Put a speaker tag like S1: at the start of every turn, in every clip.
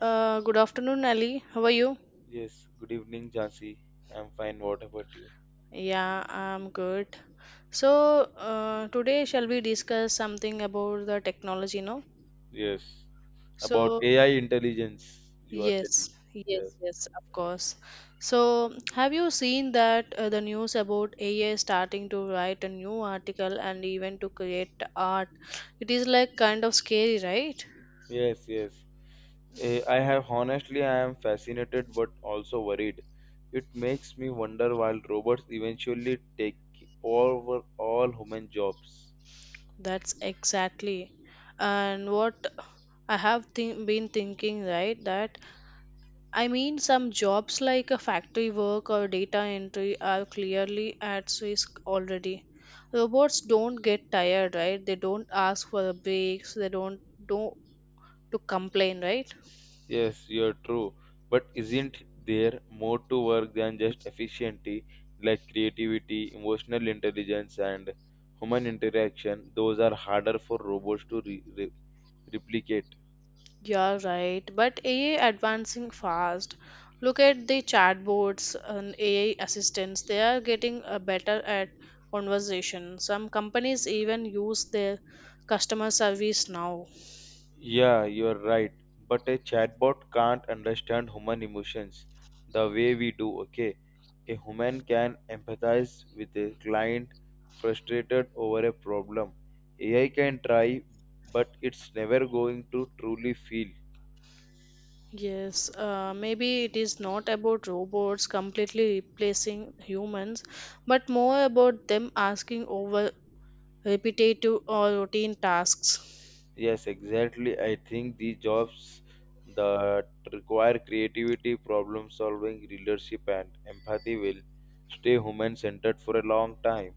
S1: Good afternoon, Ali. How are you?
S2: Yes, good evening, Jansi. I'm fine. What about you?
S1: Yeah, I'm good. Today shall we discuss something about the technology, no?
S2: Yes, about
S1: So,
S2: AI intelligence, you are telling.
S1: yes, yes,
S2: Yes,
S1: yes, of course. So, have you seen that the news about AI starting to write a new article and even to create art? It is like kind of scary, right?
S2: yes, yes. I have honestly, I am fascinated but also worried. It makes me wonder while robots eventually take over all human jobs.
S1: That's exactly. And what I have been thinking, right, that I mean, some jobs like a factory work or data entry are clearly at risk already. Robots don't get tired, right? They don't ask for a breaks. They don't to complain, right?
S2: Yes, you're true. But isn't there more to work than just efficiency, like creativity, emotional intelligence, and human interaction? Those are harder for robots to replicate.
S1: You're right. But AI advancing fast. Look at the chatbots and AI assistants. They are getting better at conversation. Some companies even use their customer service now.
S2: Yeah, you're right. But a chatbot can't understand human emotions the way we do, okay? A human can empathize with a client frustrated over a problem. AI can try, but it's never going to truly feel.
S1: Yes, maybe it is not about robots completely replacing humans, but more about them asking over repetitive or routine tasks.
S2: Yes, exactly. I think these jobs that require creativity, problem solving, leadership, and empathy will stay human centered for a long time.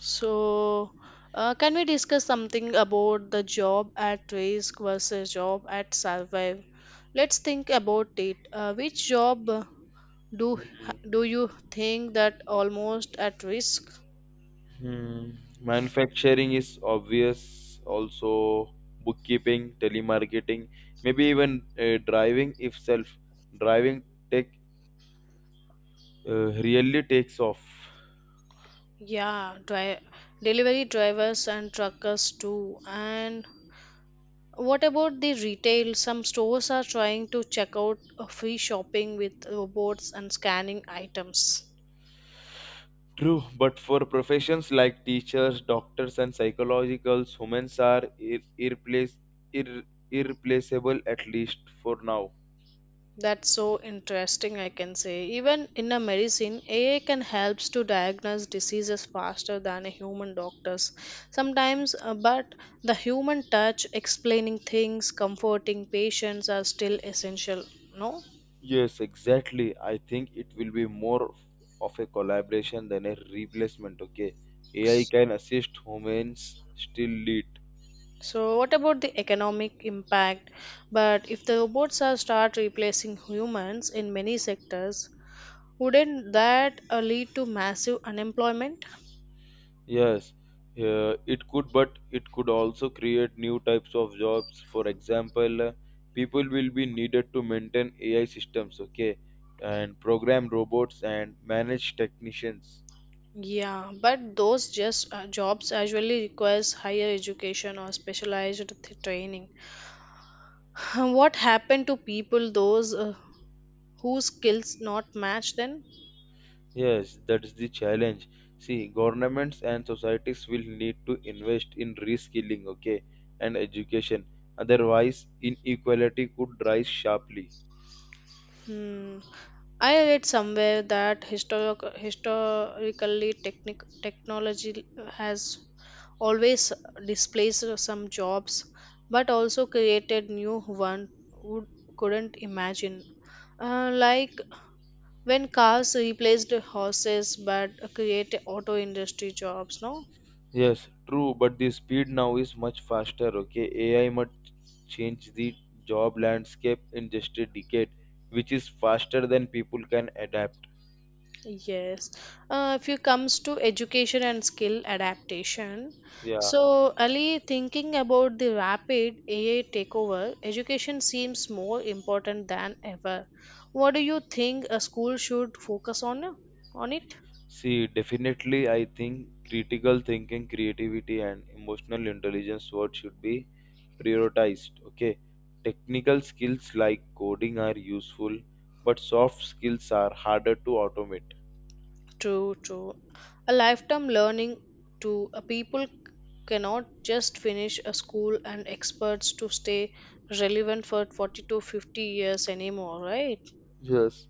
S1: So, can we discuss something about the job at risk versus job at survive? Let's think about it. Which job do
S2: Mhm.
S1: do you think that almost at risk?
S2: Hmm. Manufacturing is obvious, also bookkeeping, telemarketing, maybe even driving if self driving tech really takes off.
S1: Yeah, delivery drivers and truckers too, and what about the retail? Some stores are trying to check out free shopping with robots and scanning items.
S2: True, but for professions like teachers, doctors, and psychologicals, humans are ir- irreplaceable, at least for now.
S1: That's so interesting, I can say. Even in a medicine, AI can help to diagnose diseases faster than a human doctors. Sometimes, but the human touch, explaining things, comforting patients are still essential, no?
S2: Yes, exactly. I think it will be more of a collaboration than a replacement. Okay, AI can assist humans, still lead.
S1: So, what about the economic impact? But if the robots are start replacing humans in many sectors, wouldn't that lead to massive unemployment?
S2: Yes, it could, but it could also create new types of jobs. For example, people will be needed to maintain AI systems, okay, and program robots and manage technicians.
S1: Yeah, but those just jobs usually requires higher education or specialized training. What happened to people those whose skills not match then?
S2: Yes, that is the challenge. See, governments and societies will need to invest in reskilling, okay, and education. Otherwise, inequality could rise sharply.
S1: Hmm. I read somewhere that historically technology has always displaced some jobs, but also created new one would couldn't imagine. Like when cars replaced horses but create auto industry jobs, no.
S2: Yes, true, but the speed now is much faster. Okay, AI might change the job landscape in just a decade, which is faster than people can adapt.
S1: Yes, if it comes to education and skill adaptation.
S2: Yeah,
S1: So Ali, thinking about the rapid AI takeover, education seems more important than ever. What do you think a school should focus on it?
S2: see, definitely, I think critical thinking, creativity, and emotional intelligence what should be prioritized. Okay, technical skills like coding are useful, but soft skills are harder to automate.
S1: True, true. A lifetime learning to a people cannot just finish a school and experts to stay relevant for 40 to 50 years anymore, right?
S2: Yes,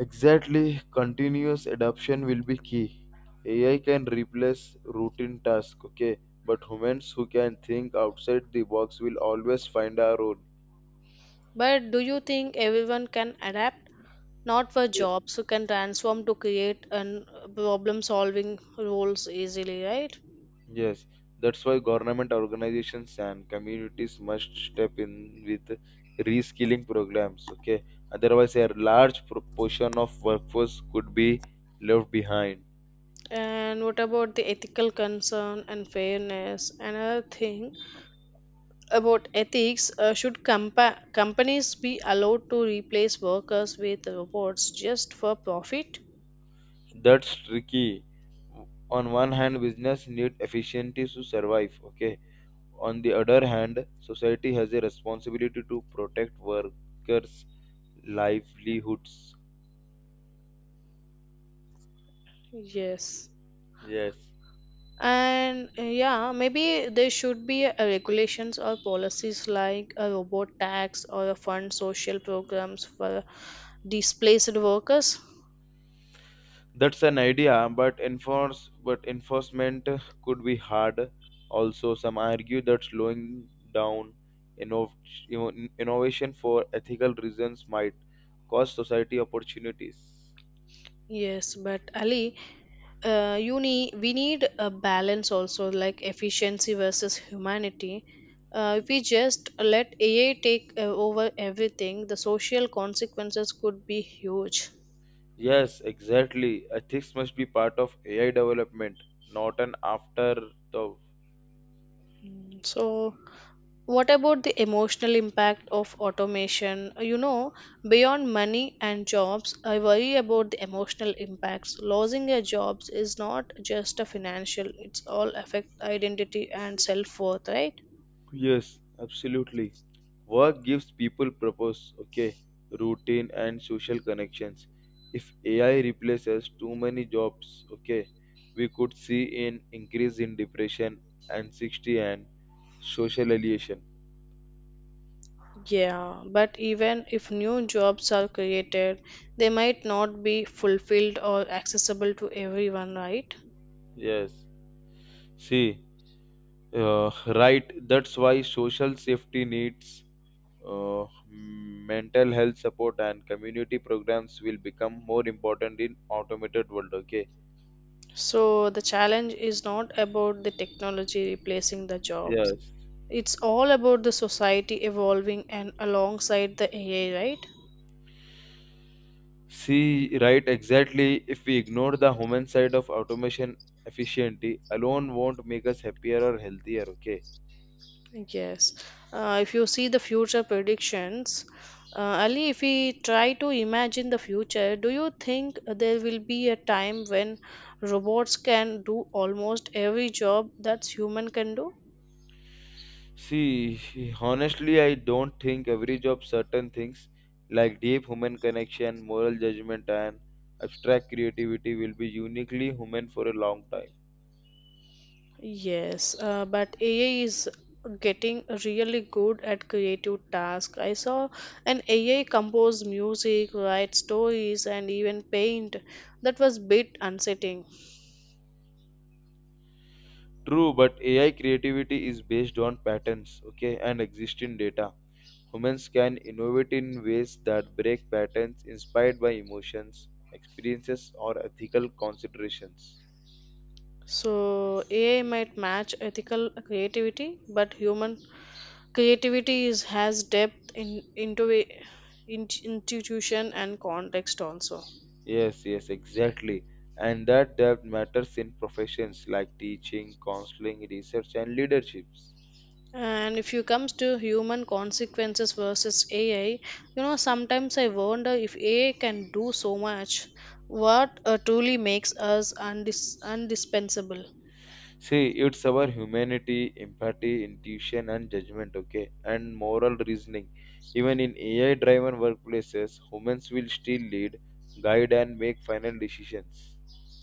S2: exactly, continuous adoption will be key. AI can replace routine tasks, okay, but humans who can think outside the box will always find a role.
S1: But do you think everyone can adapt? Not for
S2: Yeah.
S1: jobs who can transform to create and problem solving roles easily, right?
S2: Yes, that's why government organizations and communities must step in with reskilling programs, okay? Otherwise, a large proportion of workforce could be left behind.
S1: And what about the ethical concern and fairness? Another thing about ethics, should companies be allowed to replace workers with robots just for profit?
S2: That's tricky. On one hand, business need efficiency to survive, okay? On the other hand, society has a responsibility to protect workers' livelihoods.
S1: Yes,
S2: Yes,
S1: and yeah, maybe there should be a regulations or policies like a robot tax or a fund social programs for displaced workers.
S2: that's an idea, but enforcement could be hard. Also, some argue that slowing down innov- innovation for ethical reasons might cost society opportunities.
S1: Yes, but Ali, you need we need a balance also, like efficiency versus humanity. If we just let AI take over everything, the social consequences could be huge.
S2: Yes, exactly. Ethics must be part of AI development, not an afterthought.
S1: Mm, so what about the emotional impact of automation? You know, beyond money and jobs, I worry about the emotional impacts. Losing your jobs is not just a financial, it's all affect identity and self-worth, right?
S2: Yes, absolutely. Work gives people purpose, okay, routine and social connections. If AI replaces too many jobs, okay, we could see an increase in depression, anxiety, and social alienation.
S1: Yeah, but even if new jobs are created, they might not be fulfilled or accessible to everyone, right?
S2: Yes. See, right. That's why social safety needs mental health support and community programs will become more important in automated world. Okay.
S1: So the challenge is not about the technology replacing the jobs.
S2: Yes.
S1: It's all about the society evolving and alongside the AI, right?
S2: See, right, exactly. If we ignore the human side of automation, efficiency alone won't make us happier or healthier, okay?
S1: Yes. If you see the future predictions, Ali, if we try to imagine the future, do you think there will be a time when robots can do almost every job that human can do?
S2: See, honestly, I don't think every job, certain things like deep human connection, moral judgment, and abstract creativity will be uniquely human for a long time.
S1: Yes, but AI is getting really good at creative tasks. I saw an AI compose music, write stories, and even paint. That was bit unsettling.
S2: True, but AI creativity is based on patterns, okay, and existing data. Humans can innovate in ways that break patterns inspired by emotions, experiences, or ethical considerations.
S1: So AI might match ethical creativity, but human creativity is has depth in into a- in, institution and context also.
S2: Yes, yes, exactly. And that depth matters in professions like teaching, counseling, research, and leaderships.
S1: And if you comes to human consequences versus AI, you know, sometimes I wonder if AI can do so much. What truly makes us undispensable?
S2: See, it's our humanity, empathy, intuition, and judgment, okay, and moral reasoning. Even in AI driven workplaces, humans will still lead, guide, and make final decisions.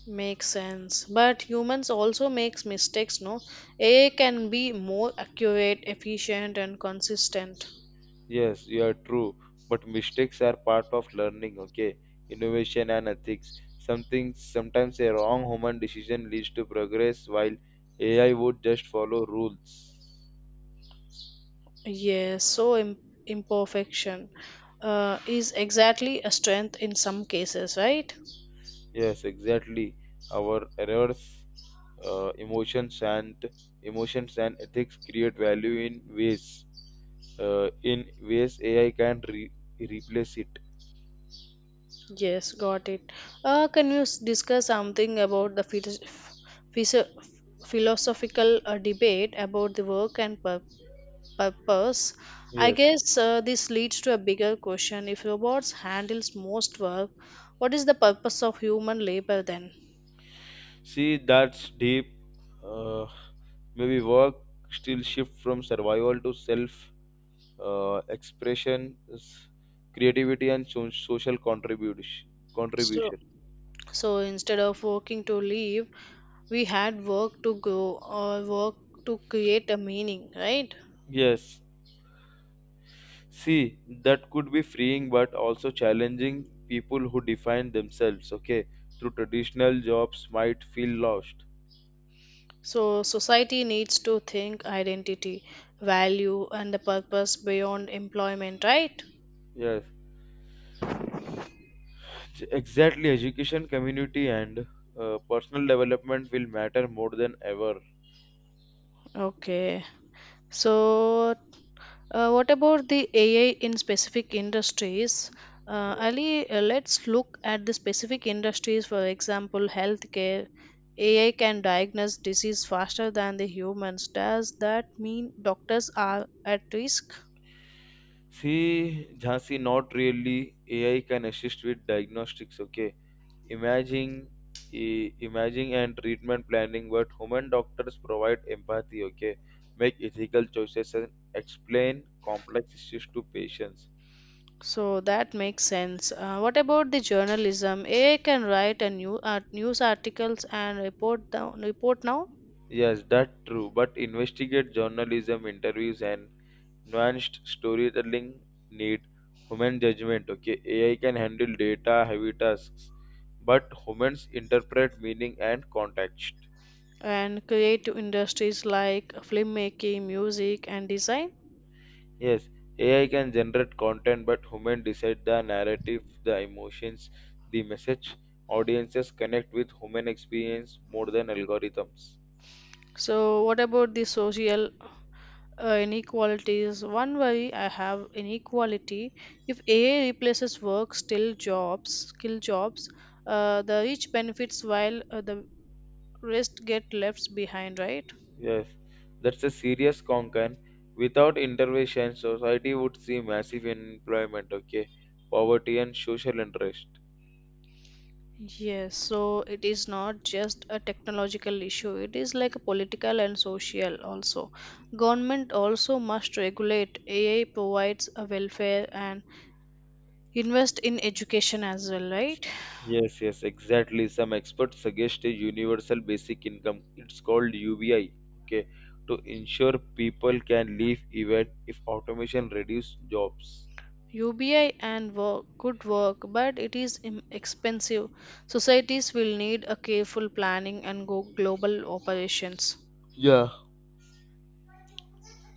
S1: Makes sense, but humans also makes mistakes. No, AI can be more accurate, efficient, and consistent.
S2: Yes, you are true. But mistakes are part of learning, okay? Innovation and ethics. Something sometimes a wrong human decision leads to progress while AI would just follow rules.
S1: Yes, so imperfection is exactly a strength in some cases, right?
S2: Yes, exactly. Our errors, uh, emotions and emotions and ethics create value in ways. In ways AI can replace it.
S1: Yes, got it. Can you discuss something about the philo- philosophical debate about the work and purpose? I
S2: Yes.
S1: guess this leads to a bigger question. If robots handles most work, what is the purpose of human labor then?
S2: See, that's deep. Uh, Maybe work still shift from survival to self expression, creativity, and social contribution.
S1: So,
S2: Contribution.
S1: so instead of working to live, we had work to go or work to create a meaning, right?
S2: Yes. See, that could be freeing, but also challenging. People who define themselves, okay, through traditional jobs might feel lost.
S1: So society needs to think identity, value, and the purpose beyond employment, right?
S2: Yes, exactly. Education, community, and personal development will matter more than ever.
S1: Okay, so what about the AI in specific industries? Ali, let's look at the specific industries, for example healthcare. AI can diagnose disease faster than the humans. Does that mean doctors are at risk?
S2: See, Jhansi, not really. AI can assist with diagnostics, okay? Imaging, imaging and treatment planning, but human doctors provide empathy, okay? Make ethical choices and explain complex issues to patients.
S1: So that makes sense. What about the journalism? AI can write a new art, news articles and report down, report now.
S2: Yes, that's true. But investigate journalism, interviews, and nuanced storytelling need human judgment. Okay, AI can handle data heavy tasks, but humans interpret meaning and context.
S1: And creative industries like filmmaking, music, and design.
S2: Yes, AI can generate content, but human decide the narrative, the emotions, the message. Audiences connect with human experience more than algorithms.
S1: So what about the social inequalities? One worry I have, inequality. If AI replaces work, still jobs, skill jobs, the rich benefits while the rest get left behind, right?
S2: Yes, that's a serious concern. Without intervention, society would see massive unemployment, okay, poverty and social unrest.
S1: Yes, so it is not just a technological issue, it is like a political and social also. Government also must regulate. AI provides a welfare and invest in education as well, right?
S2: Yes, yes, exactly. Some experts suggest a universal basic income. It's called UBI. Okay, to ensure people can live even if automation reduce jobs.
S1: UBI and work could work, but it is expensive. Societies will need a careful planning and go global operations.
S2: Yeah.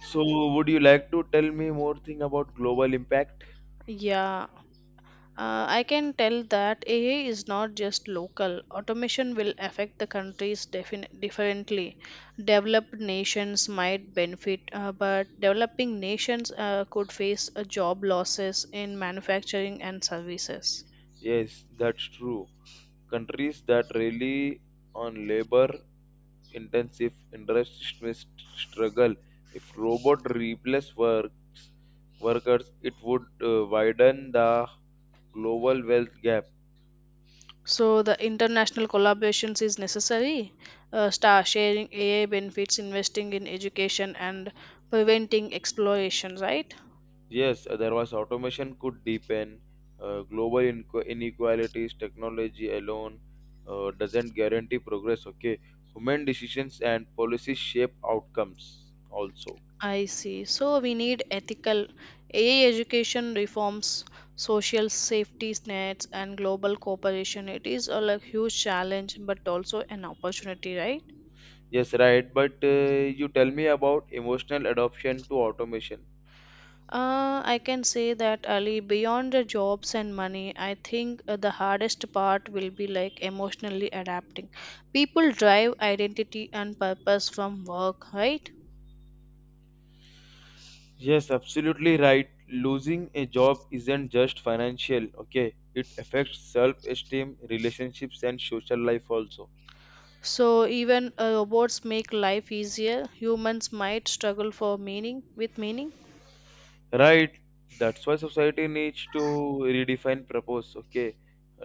S2: So, would you like to tell me more thing about global impact?
S1: Yeah, I can tell that AI is not just local. Automation will affect the countries differently. Developed nations might benefit, but developing nations could face job losses in manufacturing and services.
S2: Yes, that's true. Countries that rely on labor intensive industrial struggle. If robot replace works workers, it would widen the global wealth gap.
S1: So, the international collaborations is necessary. Star sharing AI benefits, investing in education, and preventing exploration, right?
S2: Yes, otherwise automation could deepen global inequalities. Technology alone doesn't guarantee progress. Okay, human decisions and policies shape outcomes also.
S1: I see. So we need ethical AI education reforms, social safety nets, and global cooperation. It is all a like, huge challenge, but also an opportunity, right?
S2: Yes, right. But you tell me about emotional adoption to automation.
S1: I can say that Ali, beyond the jobs and money, I think the hardest part will be like emotionally adapting. People drive identity and purpose from work, right?
S2: Yes, absolutely right. Losing a job isn't just financial, okay? It affects self esteem, relationships, and social life also.
S1: So even robots make life easier. Humans might struggle for meaning with meaning.
S2: Right? That's why society needs to redefine purpose, okay?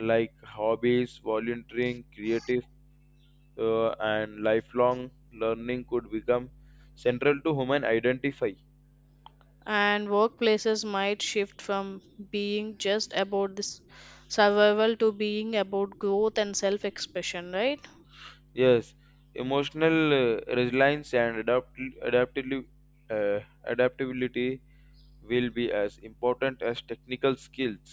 S2: Like hobbies, volunteering, creative, and lifelong learning could become central to human identify.
S1: And workplaces might shift from being just about this survival to being about growth and self expression, right?
S2: Yes, emotional resilience and uh, adaptability will be as important as technical skills.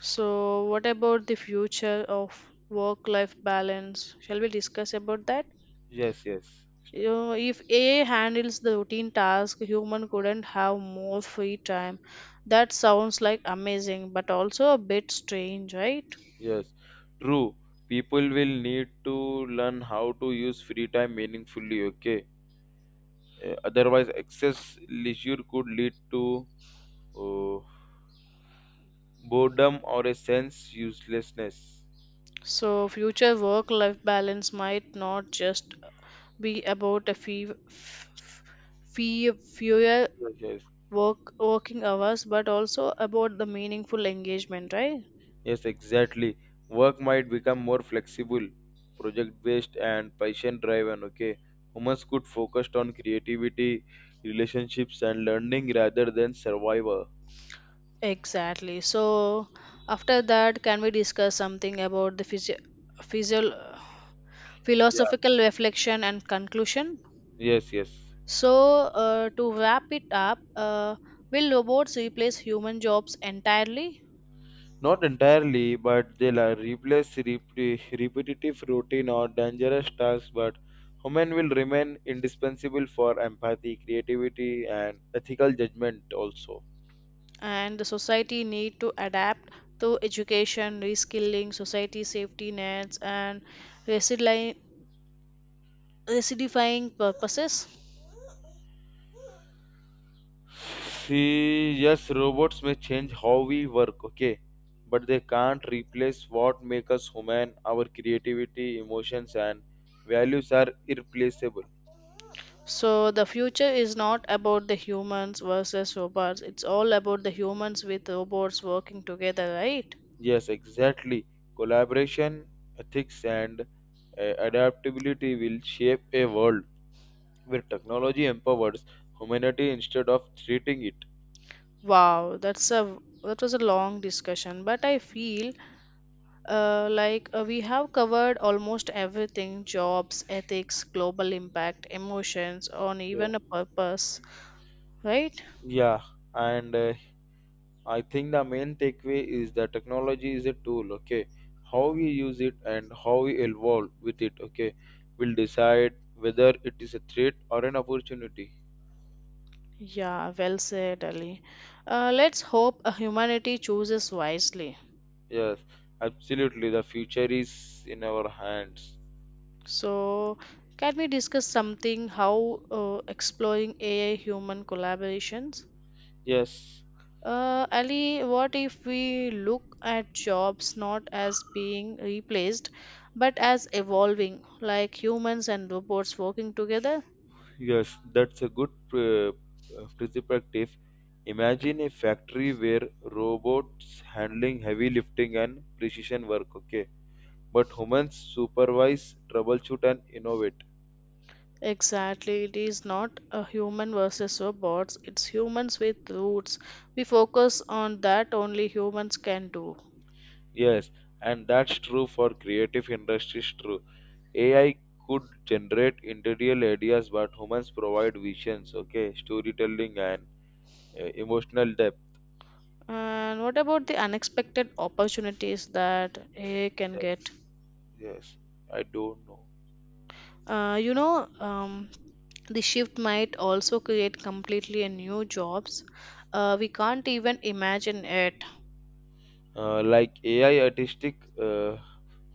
S1: So what about the future of work life balance, shall we discuss about that?
S2: Yes, yes,
S1: You
S2: st-
S1: know, if AI handles the routine task, human couldn't have more free time. That sounds like amazing but also a bit strange, right?
S2: yes. True. People will need to learn how to use free time meaningfully. Okay. Otherwise, excess leisure could lead to uh, boredom or a sense uselessness.
S1: So future work life balance might not just be about a fee, f- f- fee fewer
S2: Yes, yes.
S1: work working hours, but also about the meaningful engagement, right?
S2: Yes, exactly. Work might become more flexible, project based, and patient driven. Okay, humans could focus on creativity, relationships, and learning rather than survival.
S1: Exactly. So after that can we discuss something about the physio-
S2: Yeah.
S1: philosophical reflection and conclusion?
S2: Yes, yes.
S1: So to wrap it up, will robots replace human jobs entirely?
S2: Not entirely, but they'll replace repetitive routine or dangerous tasks, but human will remain indispensable for empathy, creativity, and ethical judgment also.
S1: And the society need to adapt to education reskilling, society safety nets, and resili- recidifying purposes.
S2: See, yes, robots may change how we work, okay, but they can't replace what makes us human. Our creativity, emotions, and values are irreplaceable.
S1: So the future is not about the humans versus robots, it's all about the humans with robots working together, right?
S2: Yes, exactly. Collaboration, ethics, and adaptability will shape a world where technology empowers humanity instead of treating it.
S1: Wow, that's a, that was a long discussion, but I feel like we have covered almost everything: jobs, ethics, global impact, emotions on
S2: Yeah,
S1: even a purpose, right?
S2: yeah, and I think the main takeaway is that technology is a tool, okay? How we use it and how we evolve with it, okay, will decide whether it is a threat or an opportunity.
S1: Yeah, well said, Ali. Let's hope humanity chooses wisely.
S2: Yes, absolutely. The future is in our hands.
S1: So, can we discuss something how exploring AI human collaborations?
S2: Yes,
S1: Ali, what if we look at jobs not as being replaced but as evolving, like humans and robots working together?
S2: yes, that's a good perspective. Imagine a factory where robots handling heavy lifting and precision work, okay? But humans supervise, troubleshoot, and innovate.
S1: Exactly, it is not a human versus robots, it's humans with roots. We focus on that only humans can do.
S2: Yes, and that's true for creative industries true. AI could generate interior ideas, but humans provide visions, okay, storytelling and emotional depth.
S1: And what about the unexpected opportunities that AI can
S2: Yes,
S1: get?
S2: yes, I don't know.
S1: Uh, you know, um, the shift might also create completely a new jobs. We can't even imagine it.
S2: Like AI artistic,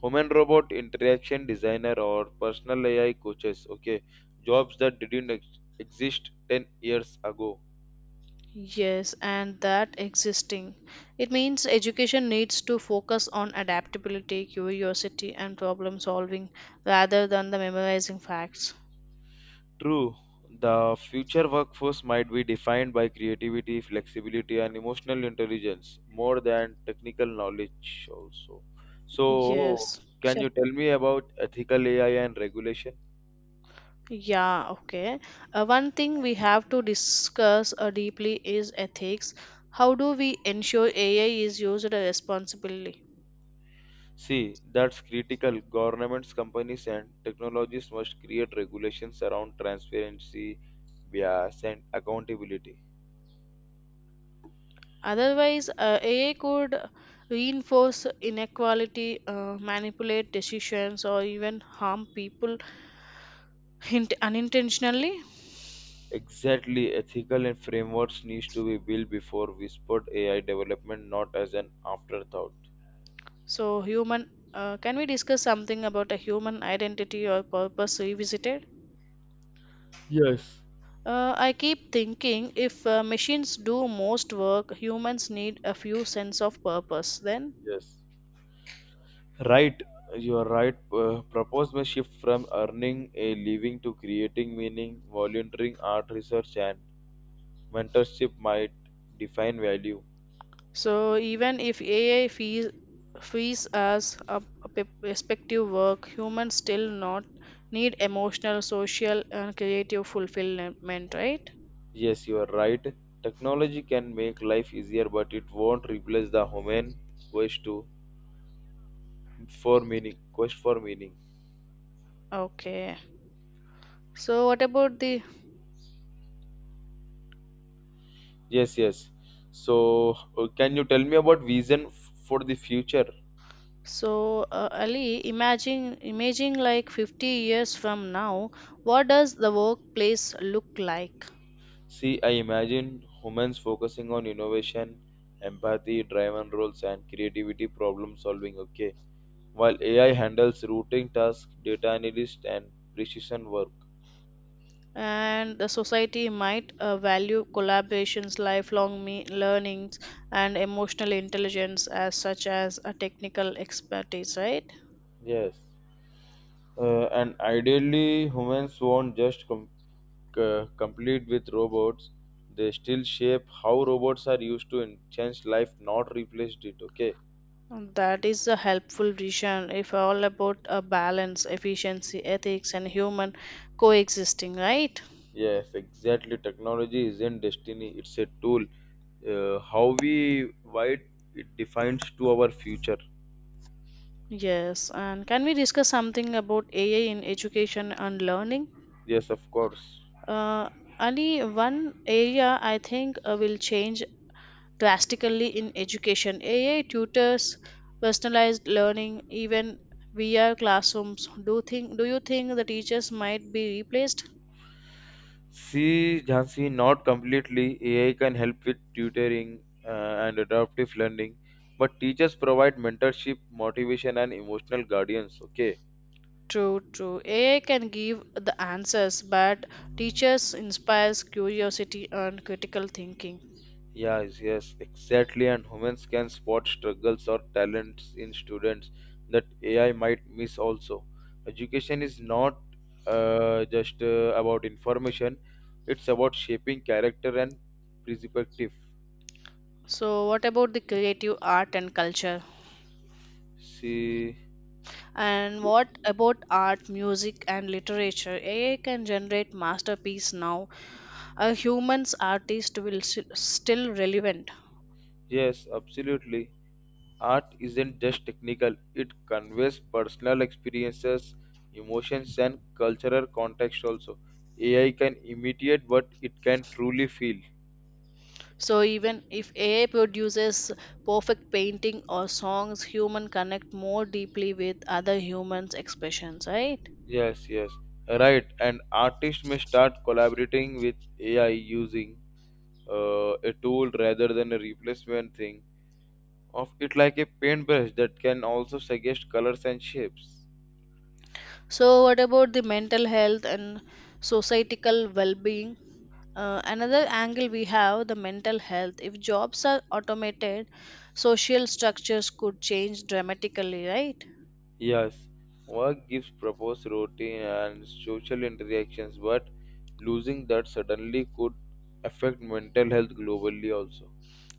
S2: human robot interaction designer or personal AI coaches, okay, jobs that didn't exist 10 years ago.
S1: Yes, and that existing. It means education needs to focus on adaptability, curiosity, and problem solving rather than the memorizing facts.
S2: True, the future workforce might be defined by creativity, flexibility, and emotional intelligence more than technical knowledge, also. So,
S1: Yes.
S2: can you tell me about ethical AI and regulation?
S1: Yeah, okay. One thing we have to discuss deeply is ethics. How do we ensure AI is used responsibly?
S2: See, that's critical. Governments, companies, and technologies must create regulations around transparency, bias, and accountability.
S1: Otherwise, AI could reinforce inequality, manipulate decisions, or even harm people unintentionally.
S2: Exactly, ethical and frameworks needs to be built before whispered AI development, not as an afterthought.
S1: So, human, can we discuss something about a human identity or purpose revisited?
S2: Yes,
S1: I keep thinking, if machines do most work, humans need a few sense of purpose then.
S2: Yes, right. You are right. Propose may shift from earning a living to creating meaning, volunteering, art research, and mentorship might define value.
S1: So even if AI fees as a respective work, humans still not need emotional, social, and creative fulfillment, right?
S2: Yes, you are right. Technology can make life easier, but it won't replace the human quest to for meaning. Quest for meaning.
S1: Okay. So what about the
S2: Yes, yes. So, can you tell me about vision for the future?
S1: so Ali? Imagine imaging like 50 years from now, what does the workplace look like?
S2: See, I imagine humans focusing on innovation, empathy, driven roles, and creativity problem solving, okay? While AI handles routing tasks, data analyst, and precision work.
S1: And the society might value collaborations, lifelong learnings, and emotional intelligence as such as a technical expertise, right?
S2: Yes. And ideally, humans won't just complete with robots, they still shape how robots are used to change life, not replaced it, okay?
S1: That is a helpful vision if all about a balance, efficiency, ethics, and human coexisting, right?
S2: Yes, exactly. Technology isn't destiny, it's a tool. How we why it, It defines to our future.
S1: Yes, and can we discuss something about AI in education and learning?
S2: Yes, of course.
S1: Uh, Only one area I think will change drastically in education. AI tutors, personalized learning, even VR classrooms. Do you think the teachers might be replaced?
S2: See, Jhansi, not completely. AI can help with tutoring and adaptive learning, but teachers provide mentorship, motivation and emotional guardians, okay?
S1: True, true. AI can give the answers, but teachers inspires curiosity and critical thinking.
S2: Yes, yes, exactly. And humans can spot struggles or talents in students that AI might miss also. Education is not just about information, it's about shaping character and perspective.
S1: So, what about the creative art and culture?
S2: See,
S1: And what about art, music, and literature? AI can generate masterpiece now. A human's artist will still relevant.
S2: yes, absolutely. Art isn't just technical, it conveys personal experiences, emotions, and cultural context also. AI can imitate, but it can truly feel.
S1: So even if AI produces perfect painting or songs, human connect more deeply with other humans' expressions, right?
S2: Yes, yes, right. And artists may start collaborating with AI using a tool rather than a replacement thing of it, like a paintbrush that can also suggest colors and shapes.
S1: So what about the mental health and societal well-being? Another angle we have the mental health. If jobs are automated, social structures could change dramatically, right?
S2: Yes, work gives proposed routine and social interactions, but losing that suddenly could affect mental health globally also.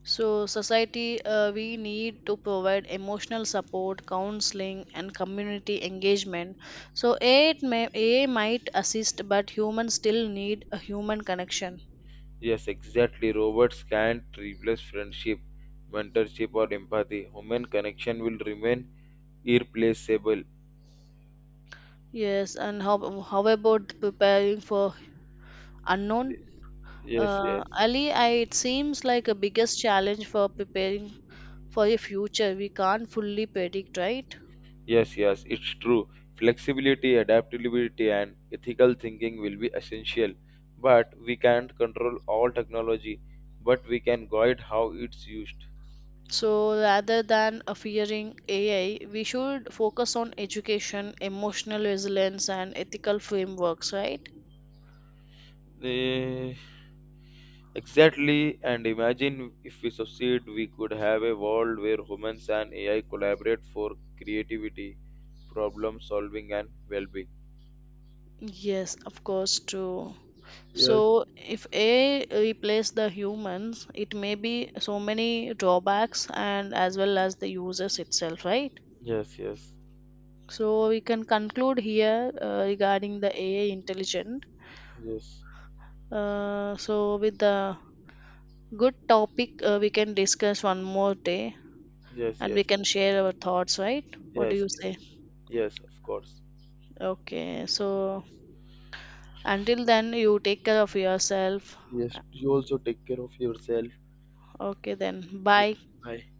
S1: So, society, we need to provide emotional support, counseling, and community engagement. So, AI might assist, but humans still need a human connection.
S2: Yes, exactly. Robots can't replace friendship, mentorship, or empathy. Human connection will remain irreplaceable.
S1: Yes, and how about preparing for unknown?
S2: Yes, yes.
S1: Ali, I, it seems like a biggest challenge for preparing for a future we can't fully predict, right?
S2: Yes, yes, it's true. Flexibility, adaptability, and ethical thinking will be essential. But we can't control all technology, but we can guide how it's used.
S1: So rather than fearing AI, we should focus on education, emotional resilience, and ethical frameworks, right?
S2: Eh, exactly, and imagine if we succeed, we could have a world where humans and AI collaborate for creativity, problem solving, and well being.
S1: Yes, of course, true.
S2: Yes,
S1: So if AI replace the humans, it may be so many drawbacks and as well as the users itself, right?
S2: yes, yes,
S1: So we can conclude here regarding the AI intelligent.
S2: yes,
S1: So with the good topic, we can discuss one more day.
S2: yes,
S1: And we
S2: yes,
S1: can share our thoughts, right? What do
S2: yes,
S1: you say?
S2: yes, of course.
S1: Okay, so until then, you take care of yourself.
S2: Yes, you also take care of yourself.
S1: Okay, then
S2: Okay,
S1: bye.
S2: bye.